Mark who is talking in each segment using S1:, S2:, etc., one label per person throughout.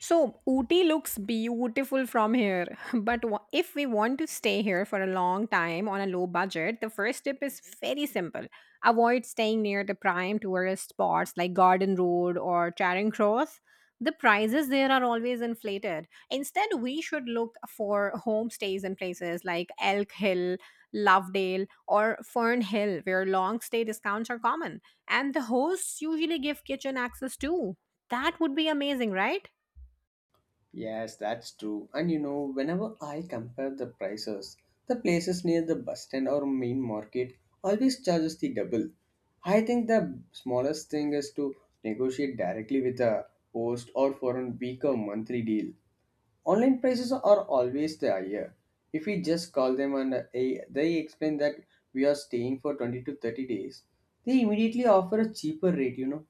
S1: So, Ooty looks beautiful from here. But if we want to stay here for a long time on a low budget, the first tip is very simple. Avoid staying near the prime tourist spots like Garden Road or Charing Cross. The prices there are always inflated. Instead, we should look for homestays in places like Elk Hill, Lovedale, or Fern Hill, where long stay discounts are common. And the hosts usually give kitchen access too. That would be amazing, right?
S2: Yes, that's true. And you know, whenever I compare the prices, the places near the bus stand or main market always charges the double. I think the smallest thing is to negotiate directly with a host or for a week or monthly deal. Online prices are always the higher. If we just call them and they explain that we are staying for 20 to 30 days, they immediately offer a cheaper rate, you know.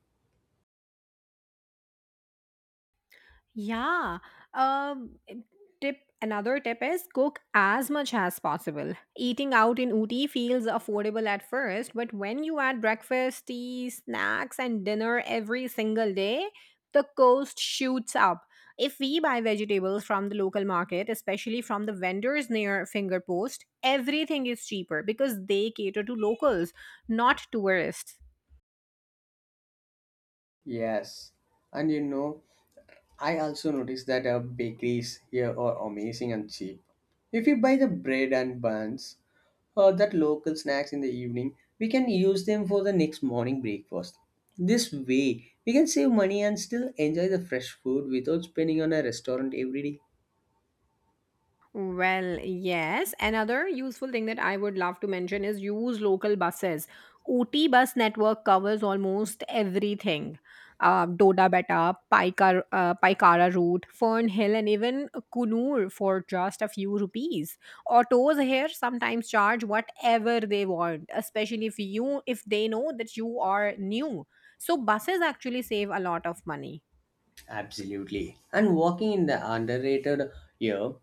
S1: Yeah. Um, tip another tip is cook as much as possible. Eating out in Uti feels affordable at first, but when you add breakfast, tea, snacks, and dinner every single day, the cost shoots up. If we buy vegetables from the local market, especially from the vendors near Fingerpost, everything is cheaper because they cater to locals, not tourists.
S2: Yes. And you know, I also noticed that bakeries here are amazing and cheap. If we buy the bread and buns or that local snacks in the evening, we can use them for the next morning breakfast. This way, we can save money and still enjoy the fresh food without spending on a restaurant every day.
S1: Well, yes. Another useful thing that I would love to mention is use local buses. OT bus network covers almost everything. Doda Betta, Paikara route, Fern Hill, and even Kunur for just a few rupees. Autos here sometimes charge whatever they want, especially if they know that you are new. So buses actually save a lot of money.
S2: Absolutely. And walking in the underrated year,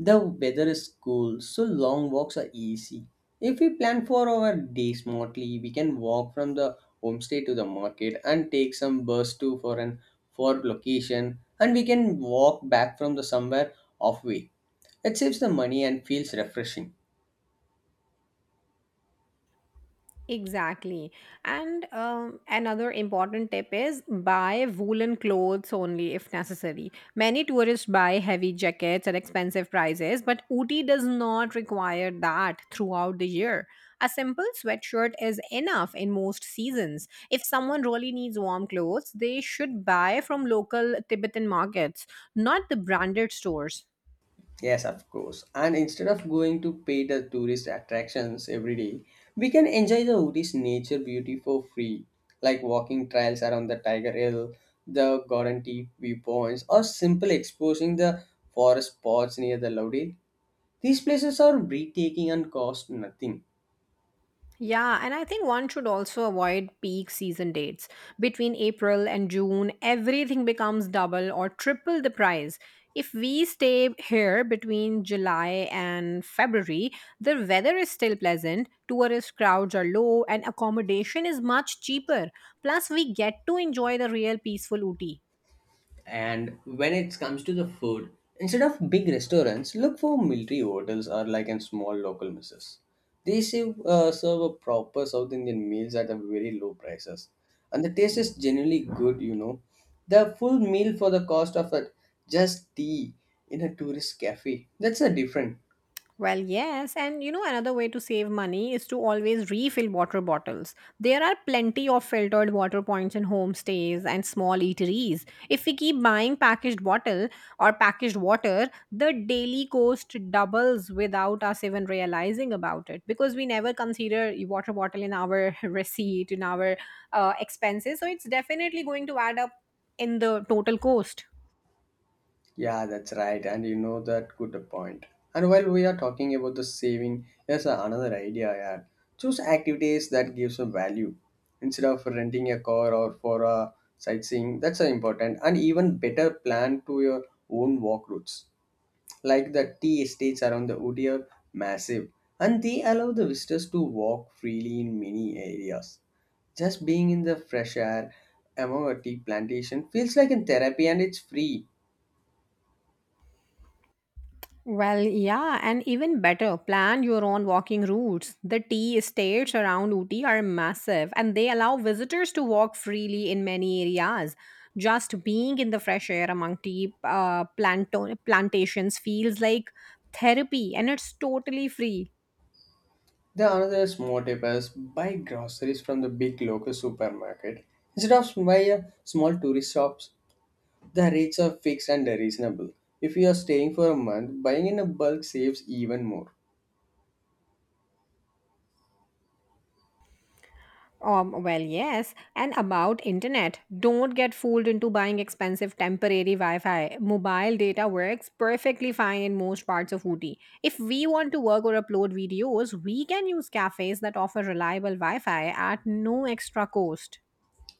S2: the weather is cool, so long walks are easy. If we plan for our day smartly, we can walk from the homestay to the market and take some bus to for an for location and we can walk back from the somewhere off way. It saves the money and feels refreshing.
S1: Exactly. And another important tip is buy woolen clothes only if necessary. Many tourists buy heavy jackets at expensive prices, but Uti does not require that throughout the year. A simple sweatshirt is enough in most seasons. If someone really needs warm clothes, they should buy from local Tibetan markets, not the branded stores.
S2: Yes, of course. And instead of going to pay the tourist attractions every day, we can enjoy the Udi's nature beauty for free, like walking trails around the Tiger Hill, the guaranteed viewpoints, or simple exposing the forest spots near the Lodi. These places are breathtaking and cost nothing.
S1: Yeah, and I think one should also avoid peak season dates. Between April and June, everything becomes double or triple the price. If we stay here between July and February, the weather is still pleasant, tourist crowds are low, and accommodation is much cheaper. Plus, we get to enjoy the real peaceful Ooty.
S2: And when it comes to the food, instead of big restaurants, look for military hotels or like in small local messes. They serve a proper South Indian meals at a very low prices. And the taste is generally good, you know. The full meal for the cost of a, just tea in a tourist cafe. That's a different.
S1: Well, yes. And another way to save money is to always refill water bottles. There are plenty of filtered water points in homestays and small eateries. If we keep buying packaged bottle or packaged water, the daily cost doubles without us even realizing about it because we never consider a water bottle in our receipt, in our expenses. So it's definitely going to add up in the total cost.
S2: Yeah, that's right. And you know that good point. And while we are talking about the saving, here's another idea I had. Choose activities that gives a value. Instead of renting a car or for a sightseeing, that's an important and even better plan to your own walk routes. Like the tea estates around the Ooty are massive and they allow the visitors to walk freely in many areas. Just being in the fresh air among a tea plantation feels like in therapy and it's free.
S1: Well, yeah, and even better, plan your own walking routes. The tea estates around Uti are massive and they allow visitors to walk freely in many areas. Just being in the fresh air among tea plantations feels like therapy and it's totally free.
S2: The another small tip is buy groceries from the big local supermarket instead of buy small tourist shops. The rates are fixed and reasonable. If you are staying for a month, buying in a bulk saves even more.
S1: Well, yes. And about internet, don't get fooled into buying expensive temporary Wi-Fi. Mobile data works perfectly fine in most parts of Ooty. If we want to work or upload videos, we can use cafes that offer reliable Wi-Fi at no extra cost.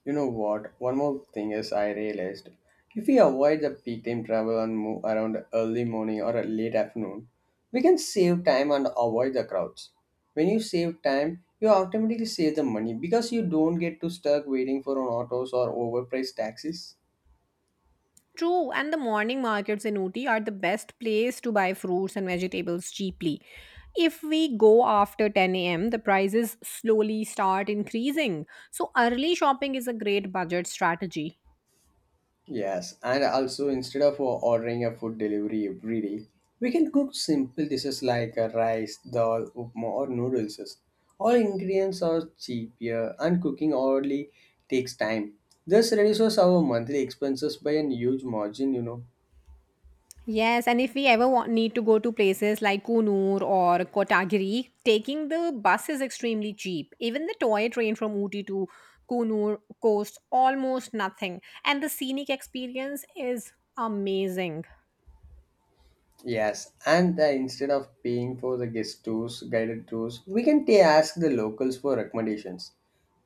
S2: You know what? One more thing is I realized if we avoid the peak time travel and move around early morning or a late afternoon, we can save time and avoid the crowds. When you save time, you automatically save the money because you don't get to stuck waiting for an autos or overpriced taxis.
S1: True, and the morning markets in Ooty are the best place to buy fruits and vegetables cheaply. If we go after 10 a.m., the prices slowly start increasing. So early shopping is a great budget strategy.
S2: Yes, and also instead of ordering a food delivery every day, we can cook simple dishes like rice, dal, upma, or noodles. All ingredients are cheaper, and cooking hourly takes time. This reduces our monthly expenses by a huge margin, you know.
S1: Yes, and if we ever want, need to go to places like Kunur or Kotagiri, taking the bus is extremely cheap. Even the toy train from Uti to Kunur costs almost nothing, and the scenic experience is amazing.
S2: Yes, and instead of paying for the guided tours, we can ask the locals for recommendations.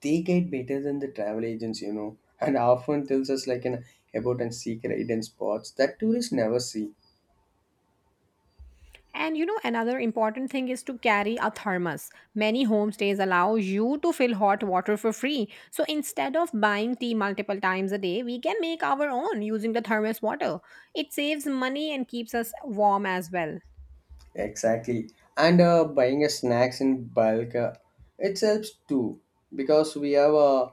S2: They get better than the travel agents, you know, and often tells us like an about and secret hidden spots that tourists never see.
S1: And you know, another important thing is to carry a thermos. Many homestays allow you to fill hot water for free. So instead of buying tea multiple times a day, we can make our own using the thermos water. It saves money and keeps us warm as well.
S2: Exactly, and buying a snacks in bulk, it helps too because we have uh,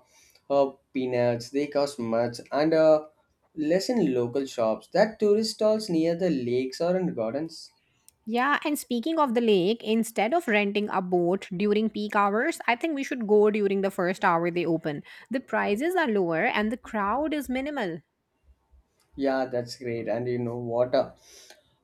S2: uh, peanuts. They cost much, and less in local shops that tourist stalls near the lakes or in gardens.
S1: Yeah, and speaking of the lake, instead of renting a boat during peak hours, I think we should go during the first hour they open. The prices are lower and the crowd is minimal.
S2: Yeah, that's great. And you know what?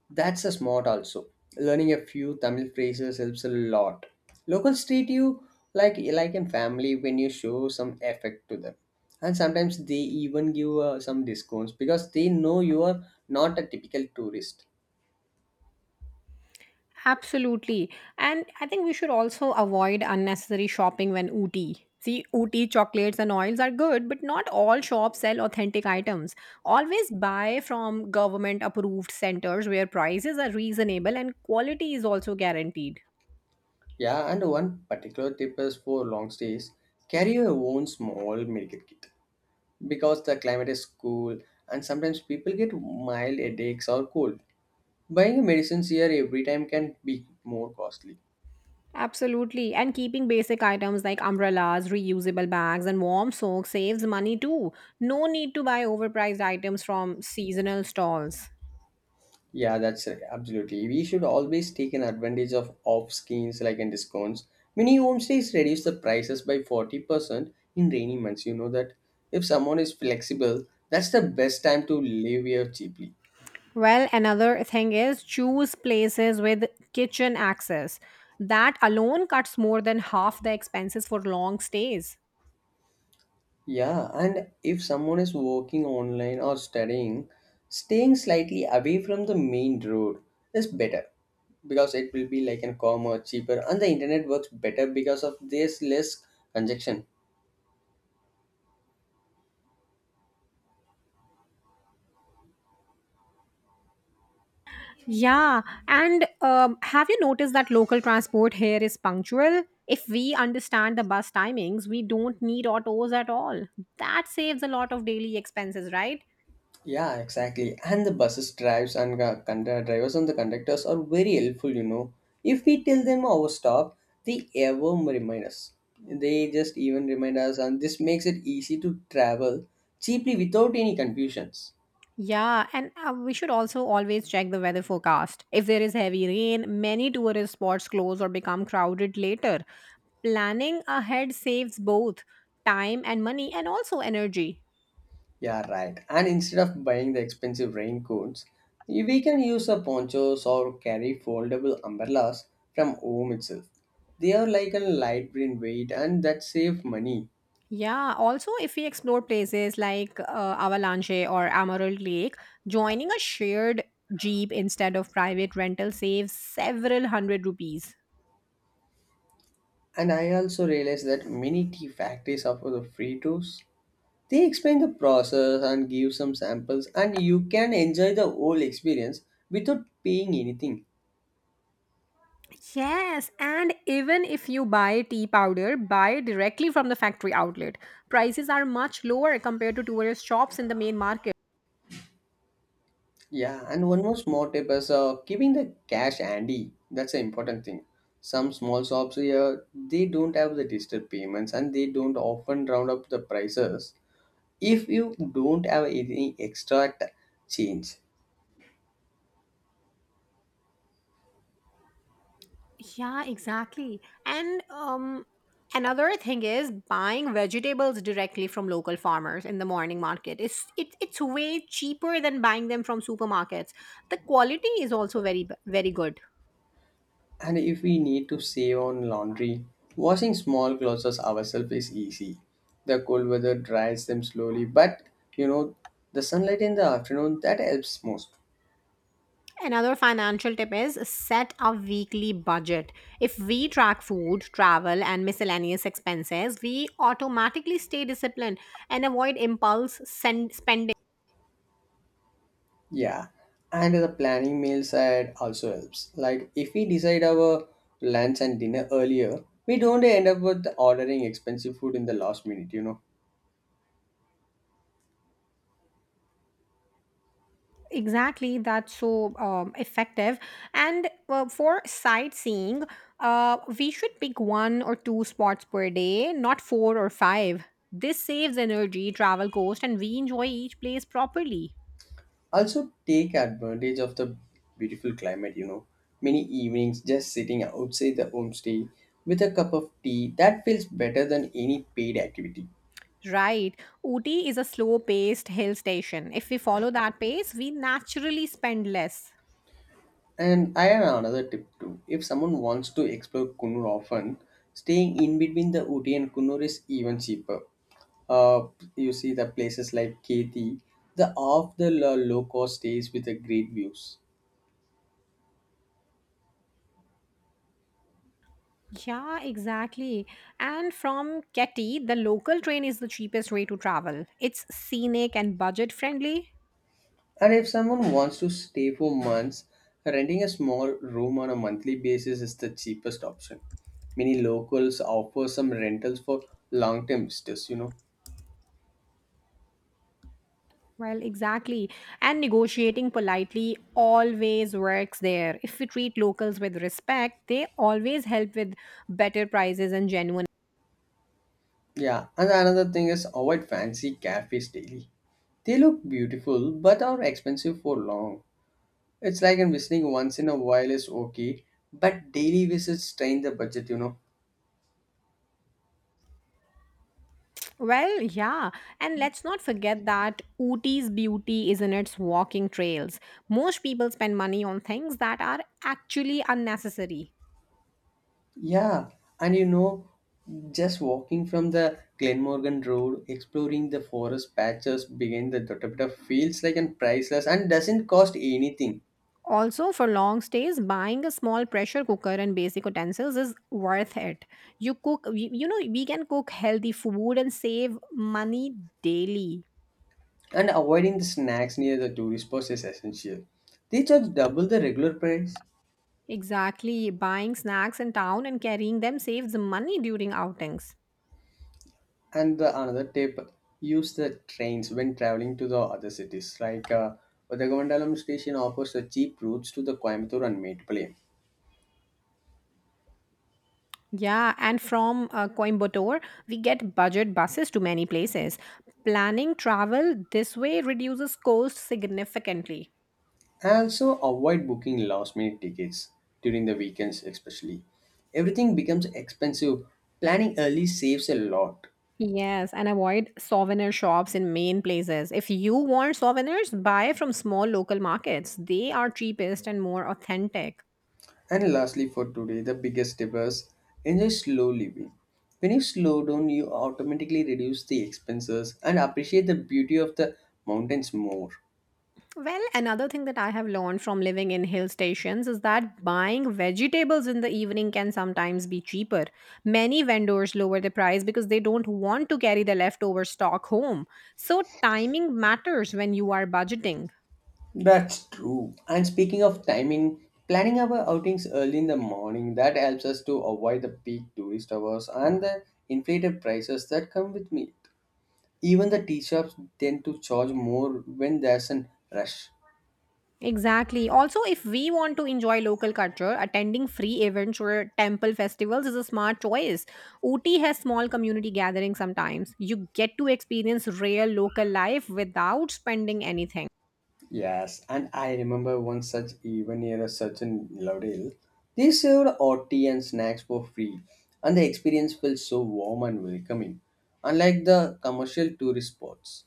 S2: That's a smart also. Learning a few Tamil phrases helps a lot. Locals treat you like in family when you show some effect to them. And sometimes they even give some discounts because they know you are not a typical tourist.
S1: Absolutely. And I think we should also avoid unnecessary shopping when Ooty. See, Ooty chocolates and oils are good, but not all shops sell authentic items. Always buy from government approved centers where prices are reasonable and quality is also guaranteed.
S2: Yeah, and one particular tip is for long stays, carry your own small medical kit because the climate is cool and sometimes people get mild headaches or cold. Buying medicines here every time can be more costly.
S1: Absolutely. And keeping basic items like umbrellas, reusable bags, and warm socks saves money too. No need to buy overpriced items from seasonal stalls.
S2: Yeah, that's absolutely. We should always take an advantage of off schemes like in discounts. Many homestays reduce the prices by 40% in rainy months. You know that if someone is flexible, that's the best time to live here cheaply.
S1: Well, another thing is choose places with kitchen access. That alone cuts more than half the expenses for long stays.
S2: Yeah, and if someone is working online or studying, staying slightly away from the main road is better because it will be like an calmer, cheaper, and the internet works better because of this less congestion.
S1: Yeah, and have you noticed that local transport here is punctual? If we understand the bus timings, we don't need autos at all. That saves a lot of daily expenses, right?
S2: Yeah, exactly. And the buses drives and drivers and the conductors are very helpful, you know. If we tell them our stop, they ever remind us. They just even remind us, and this makes it easy to travel cheaply without any confusions.
S1: Yeah, and we should also always check the weather forecast. If there is heavy rain, many tourist spots close or become crowded later. Planning ahead saves both time and money and also energy.
S2: Yeah, right. And instead of buying the expensive raincoats, we can use a ponchos or carry foldable umbrellas from home itself. They are like a light green weight and that save money.
S1: Yeah, also, if we explore places like Avalanche or Amaral Lake, joining a shared jeep instead of private rental saves several hundred rupees.
S2: And I also realized that many tea factories offer the free tours. They explain the process and give some samples and you can enjoy the whole experience without paying anything.
S1: Yes, and even if you buy tea powder, buy directly from the factory outlet. Prices are much lower compared to tourist shops in the main market.
S2: Yeah, and one more small tip is keeping the cash handy. That's an important thing. Some small shops here they don't have the digital payments and they don't often round up the prices. If you don't have any extra change,
S1: Yeah, exactly. And another thing is buying vegetables directly from local farmers in the morning market. It's way cheaper than buying them from supermarkets. The quality is also very good.
S2: and if we need to save on laundry, washing small clothes ourselves is easy. The cold weather dries them slowly, but you know the sunlight in the afternoon that helps most.
S1: Another financial tip is set a weekly budget. If we track food, travel, and miscellaneous expenses, we automatically stay disciplined and avoid impulse spending.
S2: Yeah, and the planning meal side also helps. Like if we decide our lunch and dinner earlier, we don't end up with ordering expensive food in the last minute, you know.
S1: Exactly, that's so effective. And for sightseeing, we should pick one or two spots per day, not four or five. This saves energy, travel cost, and we enjoy each place properly.
S2: Also take advantage of the beautiful climate, you know. Many evenings just sitting outside the homestay with a cup of tea that feels better than any paid activity.
S1: Right. Ooty is a slow paced hill station. If we follow that pace, we naturally spend less.
S2: And I have another tip too. If someone wants to explore Kunur often, staying in between the Uti and Kunur is even cheaper. Uh, you see the places like Keti, the off the low cost stays with the great views.
S1: Yeah, exactly. And from Keti, the local train is the cheapest way to travel. It's scenic and budget friendly.
S2: And if someone wants to stay for months, renting a small room on a monthly basis is the cheapest option. Many locals offer some rentals for long term visitors, you know.
S1: Well, exactly. And negotiating politely always works there. If we treat locals with respect, they always help with better prices and genuine.
S2: Yeah, and another thing is avoid fancy cafes daily. They look beautiful but are expensive for long. It's like in visiting once in a while is okay, but daily visits strain the budget, you know.
S1: Well, yeah, and let's not forget that Ooty's beauty is in its walking trails. Most people spend money on things that are actually unnecessary.
S2: Yeah, and you know, just walking from the Glenmorgan Road, exploring the forest patches behind the Dotabita feels like an priceless and doesn't cost anything.
S1: Also, for long stays, buying a small pressure cooker and basic utensils is worth it. You cook, you know, we can cook healthy food and save money daily.
S2: And avoiding the snacks near the tourist spots is essential. They charge double the regular price.
S1: Exactly, buying snacks in town and carrying them saves money during outings.
S2: And the another tip use the trains when traveling to the other cities like Udagomandalam station offers the cheap routes to the Coimbatore and Metropolitan.
S1: Yeah, and from Coimbatore, we get budget buses to many places. Planning travel this way reduces cost significantly.
S2: Also avoid booking last minute tickets during the weekends especially. Everything becomes expensive. Planning early saves a lot.
S1: Yes, and avoid souvenir shops in main places. If you want souvenirs, buy from small local markets. They are cheapest and more authentic.
S2: And lastly for today the biggest tip is enjoy slow living. When you slow down you automatically reduce the expenses and appreciate the beauty of the mountains more.
S1: Well, another thing that I have learned from living in hill stations is that buying vegetables in the evening can sometimes be cheaper. Many vendors lower the price because they don't want to carry the leftover stock home. So, timing matters when you are budgeting.
S2: That's true. And speaking of timing, planning our outings early in the morning that helps us to avoid the peak tourist hours and the inflated prices that come with meat. Even the tea shops tend to charge more when there's a rush.
S1: Exactly. Also, if we want to enjoy local culture, attending free events or temple festivals is a smart choice. Ooty has small community gatherings sometimes. You get to experience real local life without spending anything.
S2: Yes, and I remember one such event near a certain Laudale. They served hot tea and snacks for free, and the experience felt so warm and welcoming, unlike the commercial tourist spots.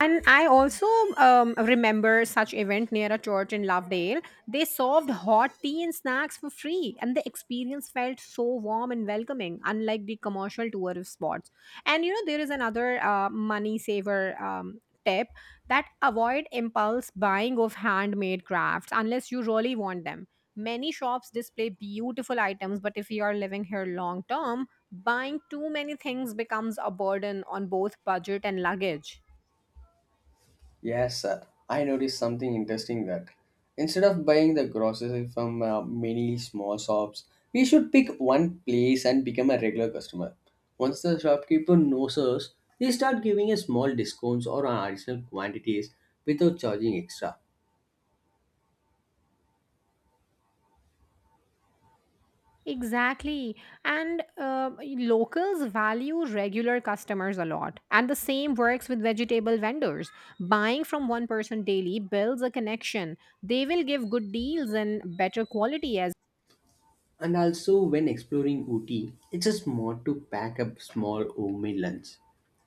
S1: And I also remember such event near a church in Lovedale. They served hot tea and snacks for free, and the experience felt so warm and welcoming, unlike the commercial tourist spots. And you know, there is another money saver tip that avoid impulse buying of handmade crafts unless you really want them. Many shops display beautiful items, but if you are living here long term, buying too many things becomes a burden on both budget and luggage.
S2: Yes, sir. I noticed something interesting that instead of buying the groceries from many small shops, we should pick one place and become a regular customer. Once the shopkeeper knows us, they start giving us small discounts or on additional quantities without charging extra.
S1: Exactly. And locals value regular customers a lot. And the same works with vegetable vendors. Buying from one person daily builds a connection. They will give good deals and better quality as.
S2: And also, when exploring Ooty, it's a smart to pack up small homemade lunch.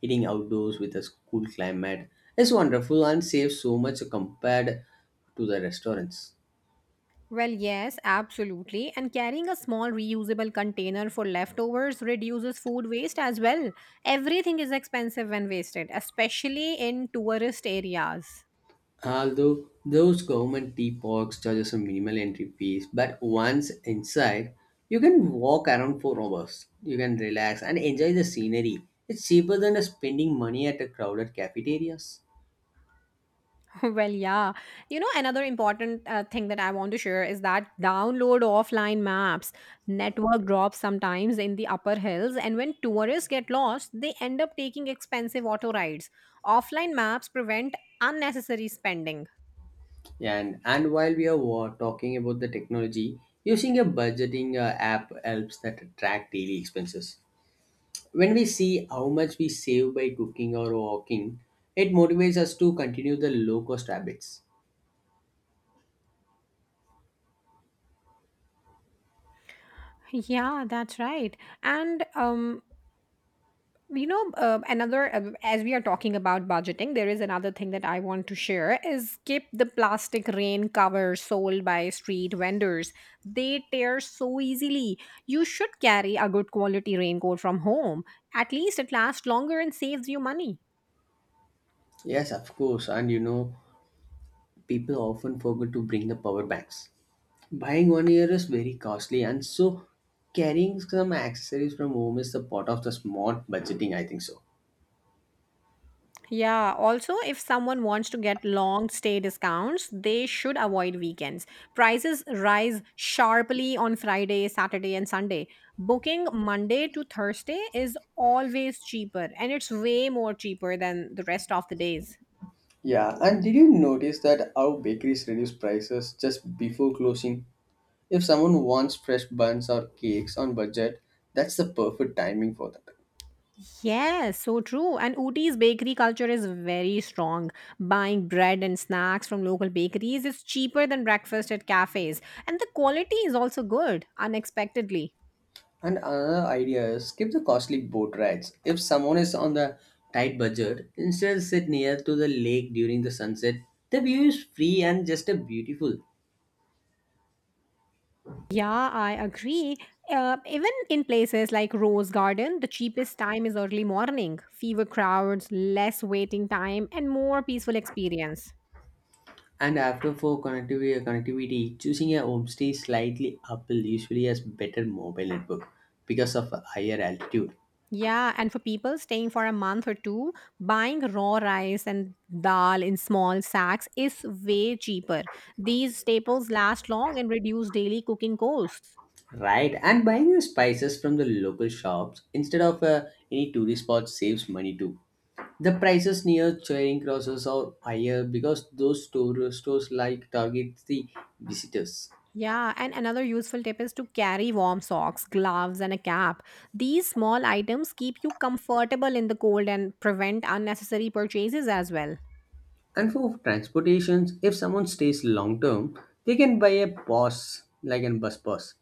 S2: Eating outdoors with a cool climate is wonderful and saves so much compared to the restaurants.
S1: Well, yes, absolutely. And carrying a small reusable container for leftovers reduces food waste as well. Everything is expensive when wasted, especially in tourist areas.
S2: Although those government tea parks charges a minimal entry fees, but once inside, you can walk around for hours. You can relax and enjoy the scenery. It's cheaper than spending money at a crowded cafeterias.
S1: Well, yeah. You know, another important thing that I want to share is that download offline maps. Network drops sometimes in the upper hills, and when tourists get lost, they end up taking expensive auto rides. Offline maps prevent unnecessary spending.
S2: And while we are talking about the technology, using a budgeting app helps that track daily expenses. When we see how much we save by cooking or walking, it motivates us to continue the low cost habits.
S1: Yeah, that's right. And you know another as we are talking about budgeting, there is another thing that I want to share is skip the plastic rain covers sold by street vendors. They tear so easily. You should carry a good quality raincoat from home. At least it lasts longer and saves you money.
S2: Yes, of course, and you know. People often forget to bring the power banks. Buying one here is very costly, and so carrying some accessories from home is the part of the smart budgeting, I think so.
S1: Yeah, also, if someone wants to get long stay discounts, they should avoid weekends. Prices rise sharply on Friday, Saturday, and Sunday. Booking Monday to Thursday is always cheaper, and it's way more cheaper than the rest of the days.
S2: Yeah, and did you notice that how bakeries reduce prices just before closing? If someone wants fresh buns or cakes on budget, that's the perfect timing for that.
S1: Yes, so true. And Ooty's bakery culture is very strong. Buying bread and snacks from local bakeries is cheaper than breakfast at cafes, and the quality is also good, unexpectedly.
S2: And another idea is skip the costly boat rides. If someone is on the tight budget, instead sit near to the lake during the sunset. The view is free and just a beautiful.
S1: Yeah, I agree. Even in places like Rose Garden, the cheapest time is early morning. Fewer crowds, less waiting time, and more peaceful experience.
S2: And after for connectivity, choosing a homestay slightly uphill usually has better mobile network because of a higher altitude.
S1: Yeah, and for people staying for a month or two, buying raw rice and dal in small sacks is way cheaper. These staples last long and reduce daily cooking costs.
S2: Right, and buying the spices from the local shops instead of any tourist spots saves money too. The prices near Charing Crosses are higher because those stores like target the visitors.
S1: Yeah, and another useful tip is to carry warm socks, gloves, and a cap. These small items keep you comfortable in the cold and prevent unnecessary purchases as well.
S2: And for transportations, if someone stays long term, they can buy a pass like a bus pass.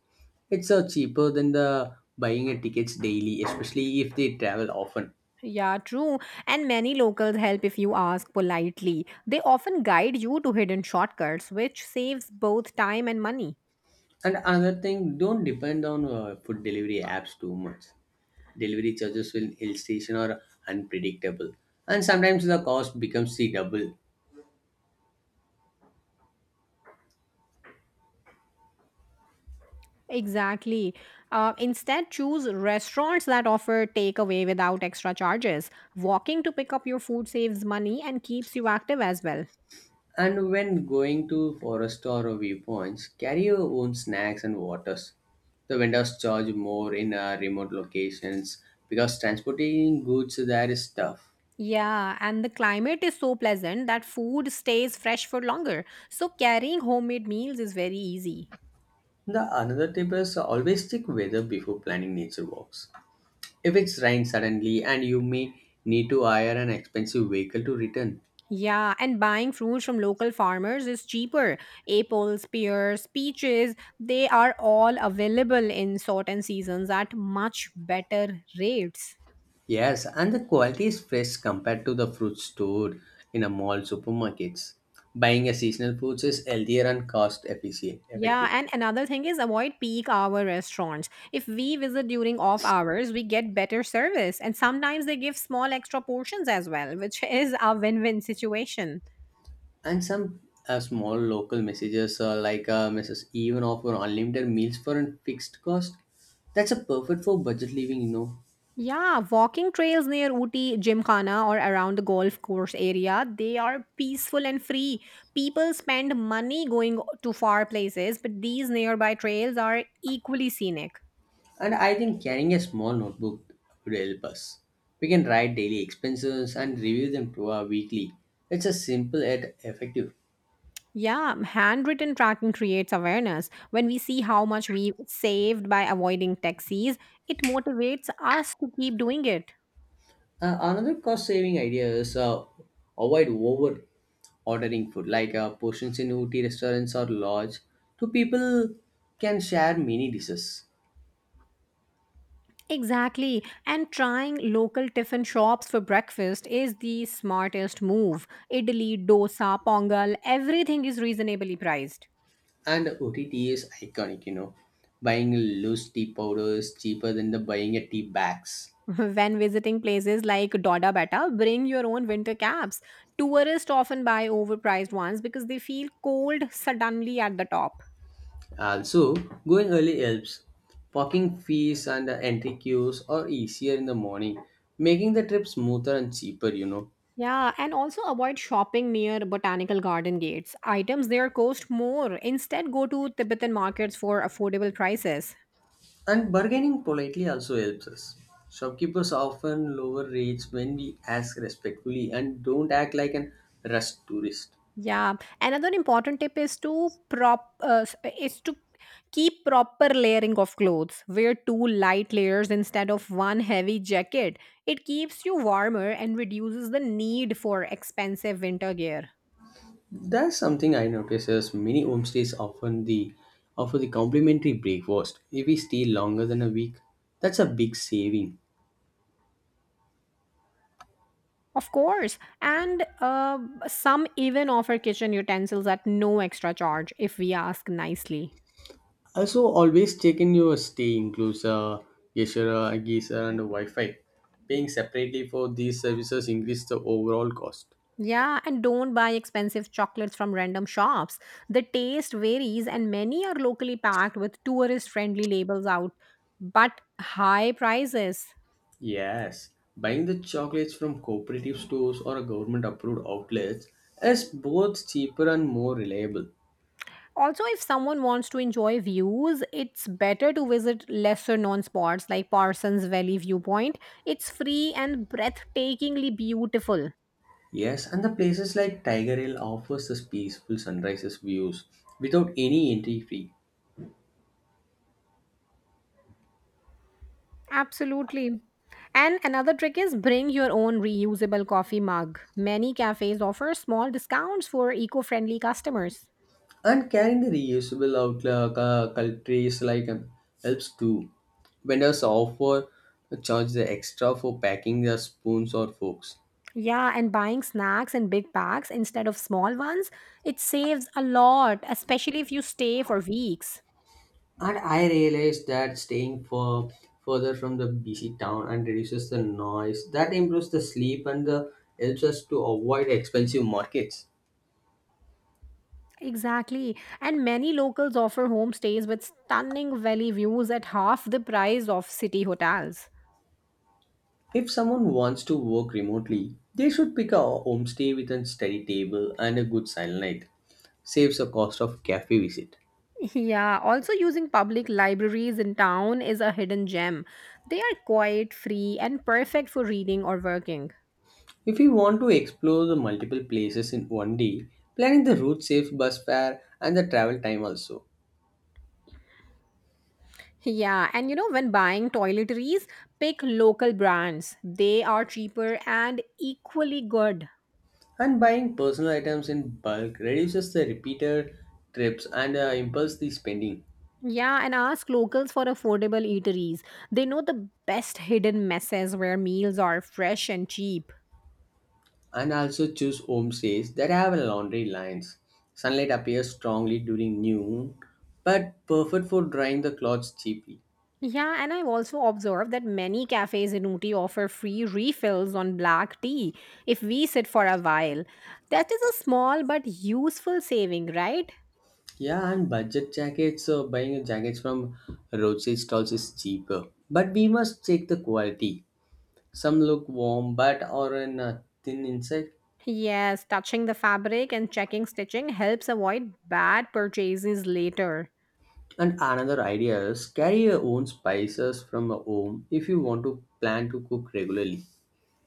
S2: It's cheaper than the buying a tickets daily, especially if they travel often.
S1: Yeah, true. And many locals help if you ask politely. They often guide you to hidden shortcuts, which saves both time and money.
S2: And another thing, don't depend on food delivery apps too much. Delivery charges will illustration or unpredictable, and sometimes the cost becomes the double.
S1: Exactly. Instead, choose restaurants that offer takeaway without extra charges. Walking to pick up your food saves money and keeps you active as well.
S2: And when going to forest or viewpoints, carry your own snacks and waters. The vendors charge more in remote locations because transporting goods there is tough.
S1: Yeah, and the climate is so pleasant that food stays fresh for longer. So carrying homemade meals is very easy.
S2: The another tip is always check weather before planning nature walks. If it's raining suddenly and you may need to hire an expensive vehicle to return.
S1: Yeah, and buying fruits from local farmers is cheaper. Apples, pears, peaches, they are all available in certain seasons at much better rates.
S2: Yes, and the quality is fresh compared to the fruit stored in a mall supermarkets. Buying a seasonal fruits is healthier and cost efficient
S1: Yeah,
S2: effective.
S1: and another thing is avoid peak hour restaurants. If we visit during off hours, we get better service, and sometimes they give small extra portions as well, which is a win win situation.
S2: And some small local messages like Mrs. Even offer unlimited meals for a fixed cost. That's a perfect for budget living, you know.
S1: Yeah, walking trails near Ooty Gymkhana or around the golf course area, they are peaceful and free. People spend money going to far places, but these nearby trails are equally scenic.
S2: And I think carrying a small notebook would help us. We can write daily expenses and review them to our weekly. It's a simple yet effective.
S1: Yeah, handwritten tracking creates awareness. When we see how much we saved by avoiding taxis, it motivates us to keep doing it.
S2: Another cost saving idea is avoid over ordering food, like portions in OT restaurants or lodge. Two people can share mini dishes.
S1: Exactly. And trying local tiffin shops for breakfast is the smartest move. Idli, dosa, pongal, everything is reasonably priced.
S2: And OTT is iconic, you know. Buying loose tea powder is cheaper than the buying a tea bags.
S1: When visiting places like Doda Betta, bring your own winter caps. Tourists often buy overpriced ones because they feel cold suddenly at the top.
S2: Also, going early helps. Parking fees and entry queues are easier in the morning, making the trip smoother and cheaper, you know.
S1: Yeah, and also avoid shopping near botanical garden gates. Items there cost more. Instead, go to Tibetan markets for affordable prices.
S2: And bargaining politely also helps us. Shopkeepers often lower rates when we ask respectfully and don't act like an rushed tourist.
S1: Yeah, another important tip is to keep proper layering of clothes. Wear two light layers instead of one heavy jacket. It keeps you warmer and reduces the need for expensive winter gear.
S2: That's something I notice as many homestays often the offer the complimentary breakfast if we stay longer than a week. That's a big saving.
S1: Of course, and some even offer kitchen utensils at no extra charge if we ask nicely.
S2: Also, always checking your stay includes Yashara, Geyser, and Wi Fi. Paying separately for these services increases the overall cost.
S1: Yeah, and don't buy expensive chocolates from random shops. The taste varies, and many are locally packed with tourist friendly labels out, but high prices.
S2: Yes, buying the chocolates from cooperative stores or government approved outlets is both cheaper and more reliable.
S1: Also, if someone wants to enjoy views, it's better to visit lesser known spots like Parsons Valley Viewpoint. It's free and breathtakingly beautiful.
S2: Yes, and the places like Tiger Hill offers us peaceful sunrises views without any entry fee.
S1: Absolutely. And another trick is bring your own reusable coffee mug. Many cafes offer small discounts for eco friendly customers.
S2: And carrying the reusable outlook countries like helps too. Vendors offer charge the extra for packing the spoons or forks.
S1: Yeah, and buying snacks in big bags instead of small ones, it saves a lot, especially if you stay for weeks.
S2: And I realized that staying for further from the busy town and reduces the noise. That improves the sleep and the, helps us to avoid expensive markets.
S1: Exactly. And many locals offer homestays with stunning valley views at half the price of city hotels.
S2: If someone wants to work remotely, they should pick a homestay with a steady table and a good sunlight. Saves the cost of cafe visit.
S1: Yeah, also using public libraries in town is a hidden gem. They are quiet, free, and perfect for reading or working.
S2: If we want to explore the multiple places in one day, planning the route saves bus fare and the travel time also.
S1: Yeah, and you know, when buying toiletries, pick local brands. They are cheaper and equally good.
S2: And buying personal items in bulk reduces the repeated trips and impulse the spending.
S1: Yeah, and ask locals for affordable eateries. They know the best hidden messes where meals are fresh and cheap.
S2: And also choose homestays that have laundry lines. Sunlight appears strongly during noon, but perfect for drying the clothes cheaply.
S1: Yeah, and I've also observed that many cafes in Uti offer free refills on black tea if we sit for a while. That is a small but useful saving, right?
S2: Yeah, and budget jackets, buying jackets from roadside stalls is cheaper. But we must check the quality. Some look warm but are in a thin insect.
S1: Yes, touching the fabric and checking stitching helps avoid bad purchases later.
S2: And another idea is carry your own spices from home if you want to plan to cook regularly.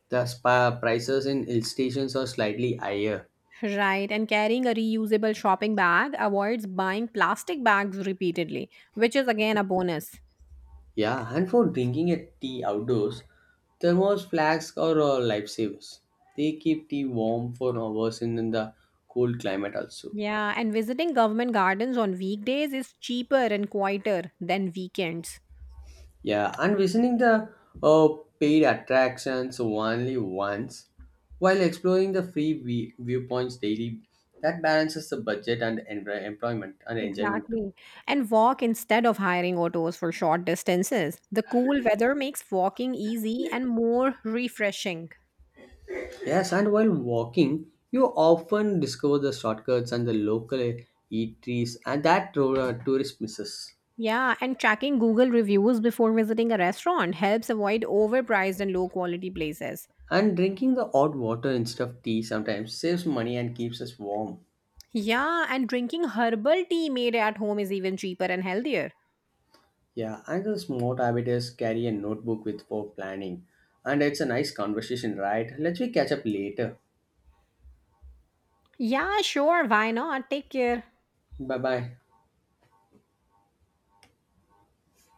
S2: The spa prices in hill stations are slightly higher.
S1: Right, and carrying a reusable shopping bag avoids buying plastic bags repeatedly, which is again a bonus.
S2: Yeah, and for drinking a tea outdoors, thermos flags are lifesavers. They keep tea warm for hours in the cold climate also.
S1: Yeah, and visiting government gardens on weekdays is cheaper and quieter than weekends.
S2: Yeah, and visiting the uh, paid attractions only once while exploring the free viewpoints daily. That balances the budget and enri- employment and enjoyment. Too.
S1: Exactly. And walk instead of hiring autos for short distances. The cool weather makes walking easy and more refreshing.
S2: Yes, and while walking, you often discover the shortcuts and the local eateries, and that tourist misses.
S1: Yeah, and tracking Google reviews before visiting a restaurant helps avoid overpriced and low quality places.
S2: And drinking the hot water instead of tea sometimes saves money and keeps us warm.
S1: Yeah, and drinking herbal tea made at home is even cheaper and healthier.
S2: Yeah, another smart habit is carry a notebook with for planning. And it's a nice conversation, right? Let me catch up later.
S1: Yeah, sure, why not? Take care.
S2: Bye bye.